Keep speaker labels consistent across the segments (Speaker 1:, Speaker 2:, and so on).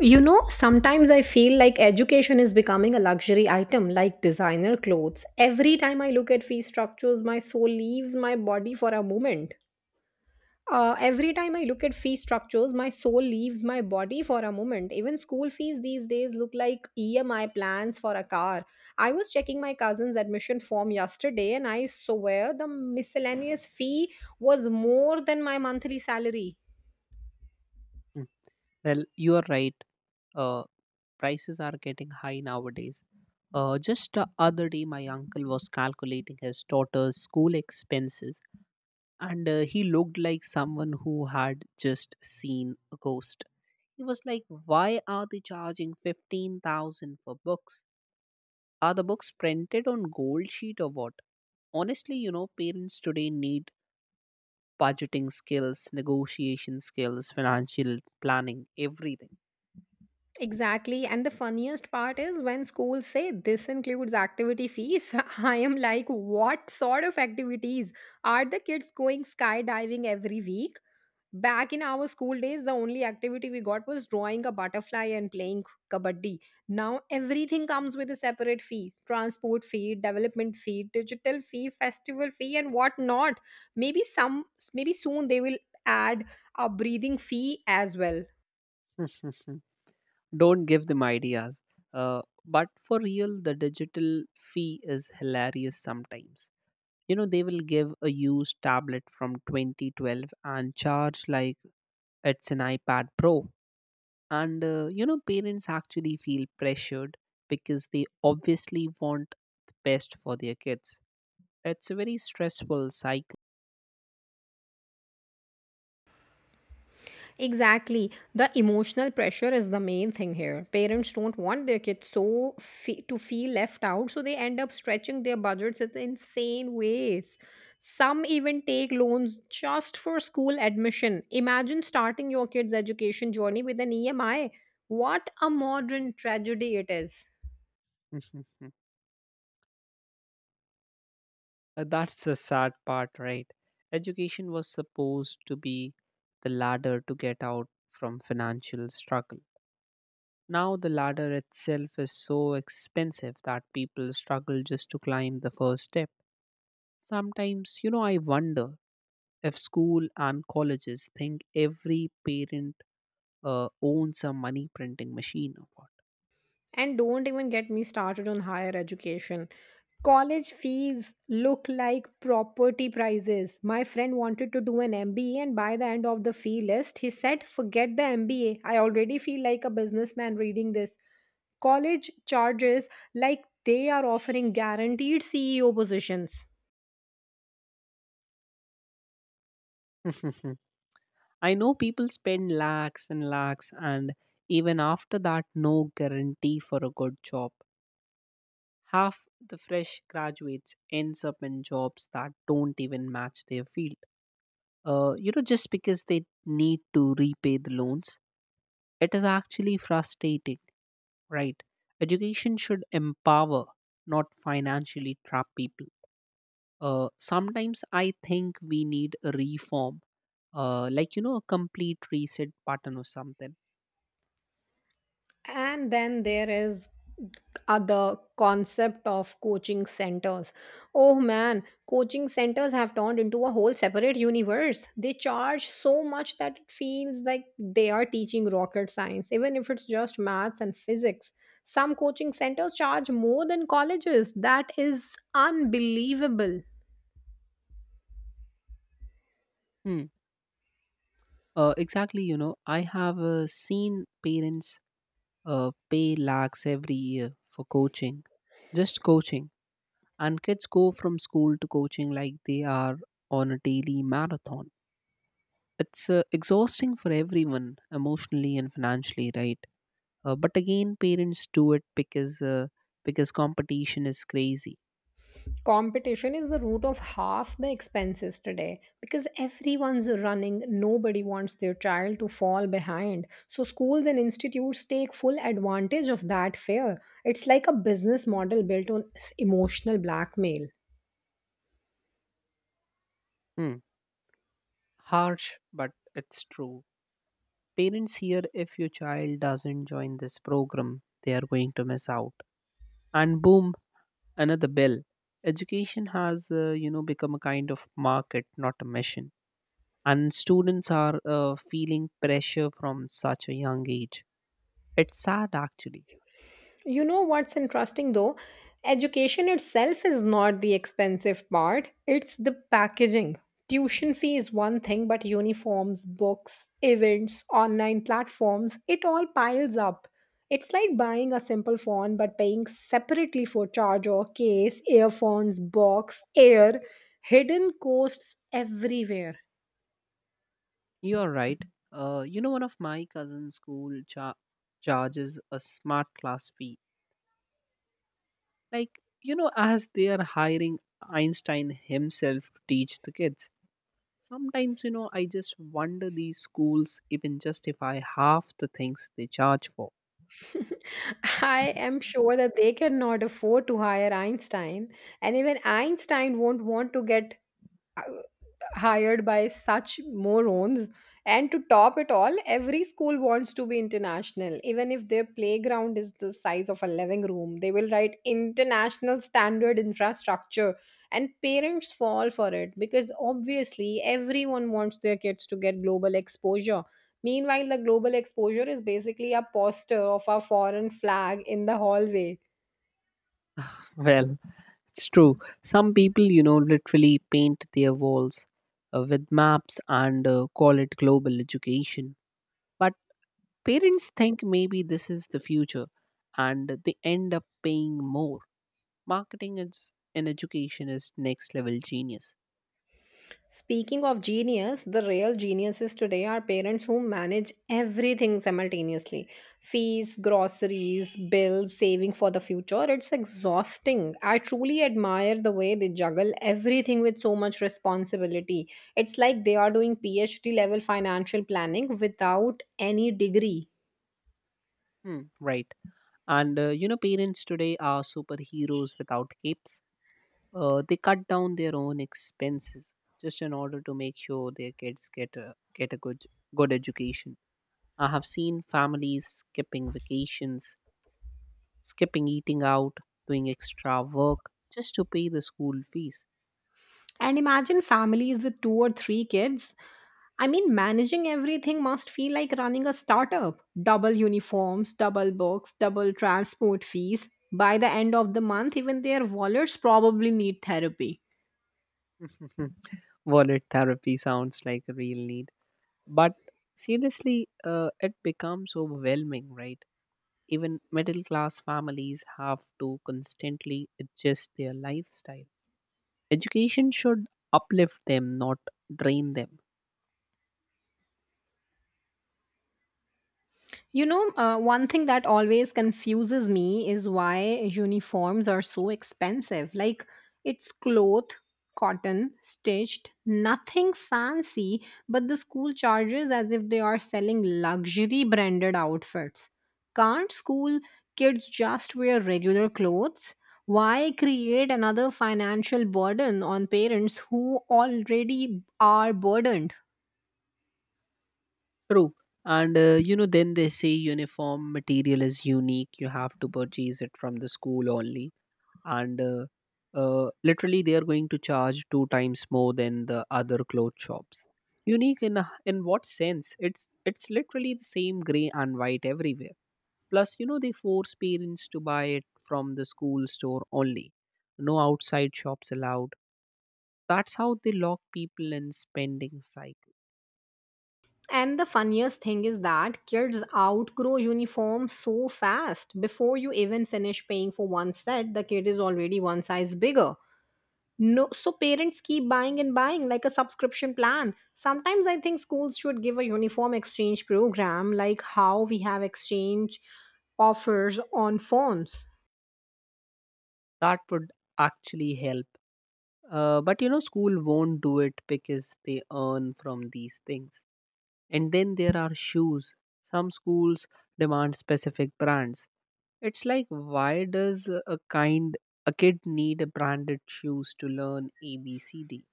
Speaker 1: You know, sometimes I feel like education is becoming a luxury item like designer clothes. Every time I look at fee structures, my soul leaves my body for a moment. Every time I look at fee structures, my soul leaves my body for a moment. Even school fees these days look like EMI plans for a car. I was checking my cousin's admission form yesterday and I swear the miscellaneous fee was more than my monthly salary.
Speaker 2: Mm. Well, you are right. Uh, Prices are getting high nowadays. Just the other day, my uncle was calculating his daughter's school expenses, and he looked like someone who had just seen a ghost. He was like, "Why are they charging 15,000 for books? Are the books printed on gold sheet or what?" Honestly, you know, parents today need budgeting skills, negotiation skills, financial planning, everything.
Speaker 1: Exactly. And the funniest part is when schools say this includes activity fees, I am like, what sort of activities? Are the kids going skydiving every week? Back in our school days, the only activity we got was drawing a butterfly and playing kabaddi. Now everything comes with a separate fee transport fee, development fee, digital fee, festival fee, and whatnot. Maybe some, maybe soon they will add a breathing fee as well.
Speaker 2: Don't give them ideas. Uh, but for real, the digital fee is hilarious sometimes. You know, they will give a used tablet from 2012 and charge like it's an iPad Pro. And you know, parents actually feel pressured because they obviously want the best for their kids. It's a very stressful cycle.
Speaker 1: Exactly. The emotional pressure is the main thing here. Parents don't want their kids to feel left out, so they end up stretching their budgets in insane ways. Some even take loans just for school admission. Imagine starting your kid's education journey with an EMI. What a modern tragedy it is.
Speaker 2: That's the sad part, right? Education was supposed to be the ladder to get out from financial struggle. Now, the ladder itself is so expensive that people struggle just to climb the first step. Sometimes, you know, I wonder if school and colleges think every parent owns a money printing machine or
Speaker 1: And don't even get me started on higher education. College fees look like property prices. My friend wanted to do an MBA, and by the end of the fee list, he said, forget the MBA. I already feel like a businessman reading this. College charges like they are offering guaranteed CEO positions.
Speaker 2: what. I know people spend lakhs and lakhs, and even after that, no guarantee for a good job. Half the fresh graduates ends up in jobs that don't even match their field. You know, just because they need to repay the loans, it is actually frustrating, right? Education should empower, not financially trap people. Sometimes I think we need a reform, like you know, a complete reset button or something.
Speaker 1: And then there is other concept of coaching centers. Oh man, coaching centers have turned into a whole separate universe. They charge so much that it feels like they are teaching rocket science, even if it's just maths and physics. Some coaching centers charge more than colleges. That is unbelievable.
Speaker 2: Hmm. Exactly, you know, I have seen parents pay lakhs every year for coaching, just coaching. And kids go from school to coaching like they are on a daily marathon. It's exhausting for everyone, emotionally and financially, right? But again, parents do it because competition is crazy.
Speaker 1: Competition is the root of half the expenses today because everyone's running. Nobody wants their child to fall behind. So, schools and institutes take full advantage of that fear. It's like a business model built on emotional blackmail.
Speaker 2: Hmm. Harsh, but it's true. Parents hear, "If your child doesn't join this program, they are going to miss out." And boom, another bill. Education has you know, become a kind of market, not a mission. And students are feeling pressure from such a young age. It's sad, actually.
Speaker 1: You know what's interesting though? Education itself is not the expensive part, it's the packaging. Tuition fee is one thing, but uniforms, books, events, online platforms, it all piles up. It's like buying a simple phone but paying separately for charger, case, earphones, box, air, hidden costs everywhere.
Speaker 2: You're right. You know, one of my cousin's charges a smart class fee, like you know, as they are hiring Einstein himself to teach the kids. Sometimes, you know, I just wonder, these schools, even justify half the things they charge for.
Speaker 1: I am sure that they cannot afford to hire Einstein, and even Einstein won't want to get uh, hired by such morons. And to top it all, every school wants to be international. Even if their playground is the size of a living room, they will write international standard infrastructure. And parents fall for it because obviously everyone wants their kids to get global exposure. Meanwhile, the global exposure is basically a poster of a foreign flag in the hallway.
Speaker 2: Well, it's true. Some people, you know, literally paint their walls with maps and call it global education. But parents think maybe this is the future and they end up paying more. Marketing is, in education, is next level genius.
Speaker 1: Speaking of genius, the real geniuses today are parents who manage everything simultaneously fees, groceries, bills, saving for the future. It's exhausting. I truly admire the way they juggle everything with so much responsibility. It's like they are doing PhD level financial planning without any degree.
Speaker 2: Hmm, right. And, you know, parents today are superheroes without capes. Uh, they cut down their own expenses just in order to make sure their kids get a good education. I have seen families skipping vacations, skipping eating out, doing extra work just to pay the school fees.
Speaker 1: And imagine families with two or three kids. I mean, managing everything must feel like running a startup. Double uniforms, double books, double transport fees. By the end of the month, even their wallets probably need therapy.
Speaker 2: Wallet therapy sounds like a real need, but seriously, it becomes overwhelming, right? Even middle class families have to constantly adjust their lifestyle. Education should uplift them, not drain them.
Speaker 1: You know, one thing that always confuses me is why uniforms are so expensive. Like, it's cloth, cotton, stitched, nothing fancy, but the school charges as if they are selling luxury branded outfits. Can't school kids just wear regular clothes? Why create another financial burden on parents who already are burdened?
Speaker 2: True. And you know, then they say uniform material is unique. You have to purchase it from the school only. And literally, they are going to charge two times more than the other cloth shops. Unique in what sense? It's literally the same gray and white everywhere. Plus, you know, they force parents to buy it from the school store only. No outside shops allowed. That's how they lock people in spending cycle.
Speaker 1: And the funniest thing is that kids outgrow uniforms so fast. Before you even finish paying for one set, the kid is already one size bigger. No, so parents keep buying and buying like a subscription plan. Sometimes I think schools should give a uniform exchange program like how we have exchange offers on phones.
Speaker 2: That would actually help. But you know, school won't do it because they earn from these things. And then there are shoes. Some schools demand specific brands. It's like, why does a kid need a branded shoes to learn ABCD?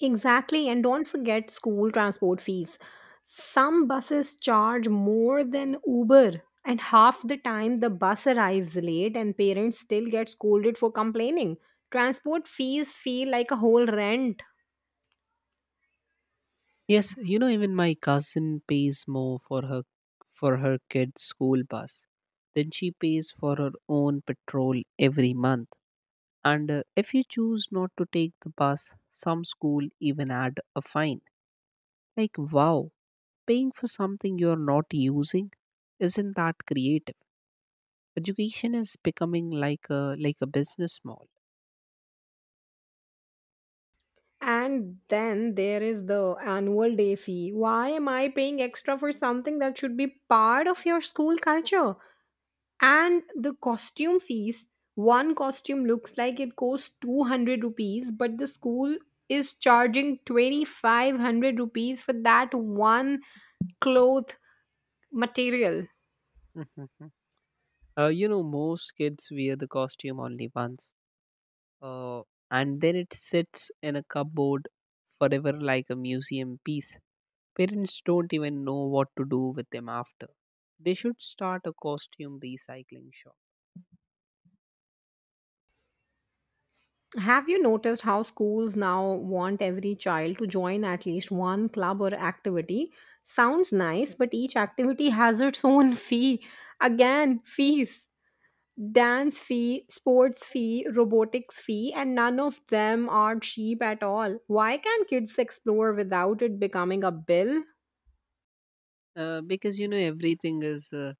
Speaker 1: Exactly, and don't forget school transport fees. Some buses charge more than Uber, and half the time the bus arrives late, and parents still get scolded for complaining. Transport fees feel like a whole rent.
Speaker 2: Yes, you know, even my cousin pays more for her kid's school bus than she pays for her own petrol every month. And if you choose not to take the bus, some school even add a fine. Like, wow, paying for something you're not using? Isn't that creative? Education is becoming like a business mall.
Speaker 1: And then there is the annual day fee. Why am I paying extra for something that should be part of your school culture? And the costume fees one costume looks like it costs 200 rupees, but the school is charging 2500 rupees for that one cloth material.
Speaker 2: Mhm. You know, most kids wear the costume only once, uh, and then it sits in a cupboard forever like a museum piece. Parents don't even know what to do with them after. They should start a costume recycling shop.
Speaker 1: Have you noticed how schools now want every child to join at least one club or activity? Sounds nice, but each activity has its own fee. Again, fees. Dance fee, sports fee, robotics fee, and none of them are cheap at all. Why can't kids explore without it becoming a bill?
Speaker 2: Because you know, everything is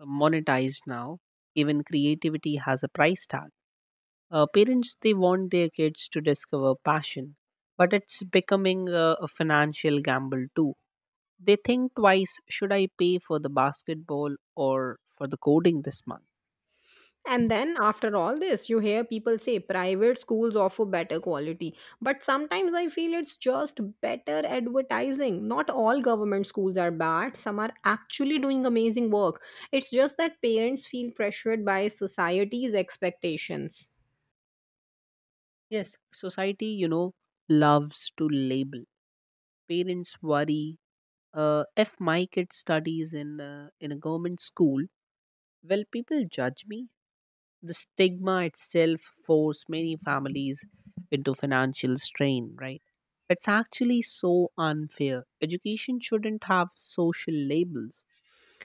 Speaker 2: monetized now. Even creativity has a price tag. Parents, they want their kids to discover passion, but it's becoming a financial gamble too. They think twice, should I pay for the basketball or for the coding this month?
Speaker 1: And then, after all this, you hear people say private schools offer better quality. But sometimes I feel it's just better advertising. Not all government schools are bad, some are actually doing amazing work. It's just that parents feel pressured by society's expectations.
Speaker 2: Yes, society, you know, loves to label. Parents worry, "If my kid studies in in a government school, will people judge me?" The stigma itself forced many families into financial strain, right? It's actually so unfair. Education shouldn't have social labels.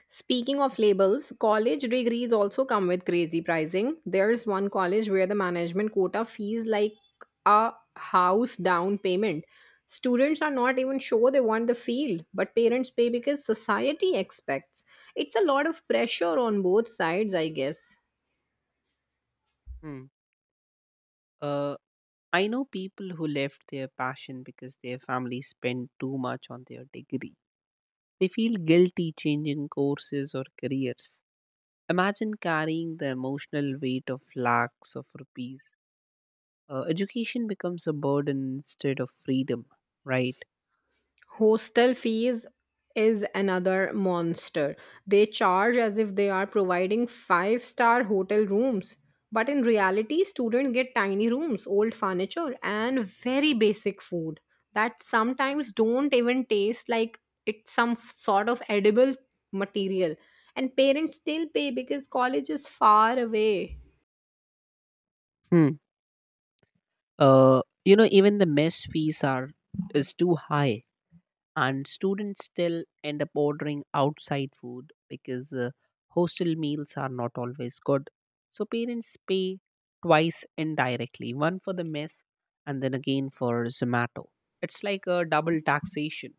Speaker 1: Speaking of labels, college degrees also come with crazy pricing. There's one college where the management quota fees like a house down payment. Students are not even sure they want the field, but parents pay because society expects. It's a lot of pressure on both sides, I guess.
Speaker 2: Hmm. Uh, I know people who left their passion because their family spent too much on their degree. They feel guilty changing courses or careers. Imagine carrying the emotional weight of lakhs of rupees. Education becomes a burden instead of freedom, right?
Speaker 1: Hostel fees is another monster. They charge as if they are providing five-star hotel rooms. But in reality, students get tiny rooms, old furniture, and very basic food that sometimes don't even taste like it's some sort of edible material. And parents still pay because college is far away.
Speaker 2: Hmm. You know, even the mess fees are is too high, and students still end up ordering outside food because hostel meals are not always good. So parents pay twice indirectly, one for the mess and then again for Zomato. It's like a double taxation.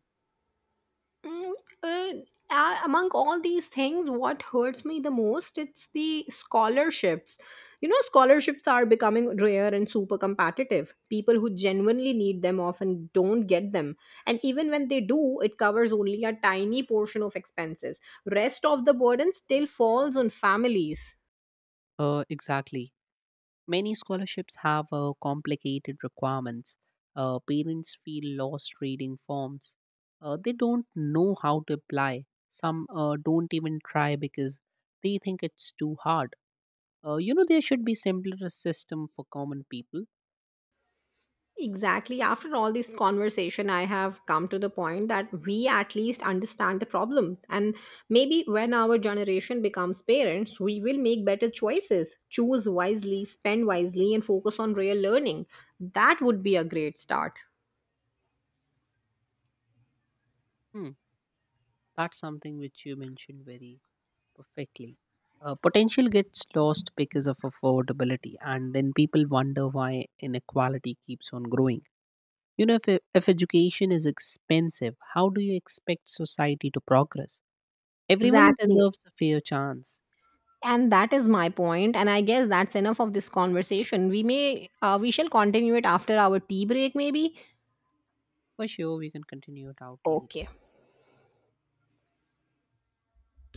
Speaker 1: Mm, uh, Among all these things, what hurts me the most, it's the scholarships. You know, scholarships are becoming rare and super competitive. People who genuinely need them often don't get them, and even when they do, it covers only a tiny portion of expenses. Rest of the burden still falls on families.
Speaker 2: Exactly, many scholarships have complicated requirements. Parents feel lost reading forms. They don't know how to apply. Some don't even try because they think it's too hard. You know, there should be simpler system for common people.
Speaker 1: Exactly. After all this conversation, I have come to the point that we at least understand the problem. And maybe when our generation becomes parents, we will make better choices, choose wisely, spend wisely, and focus on real learning. That would be a great start.
Speaker 2: Hmm, that's something which you mentioned very perfectly. Potential gets lost because of affordability, and then people wonder why inequality keeps on growing. You know, if education is expensive, how do you expect society to progress? Everyone
Speaker 1: Exactly.
Speaker 2: deserves a fair chance.
Speaker 1: And that is my point. And I guess that's enough of this conversation. We shall continue it after our tea break, maybe.
Speaker 2: For sure, we can continue it out later.
Speaker 1: Okay.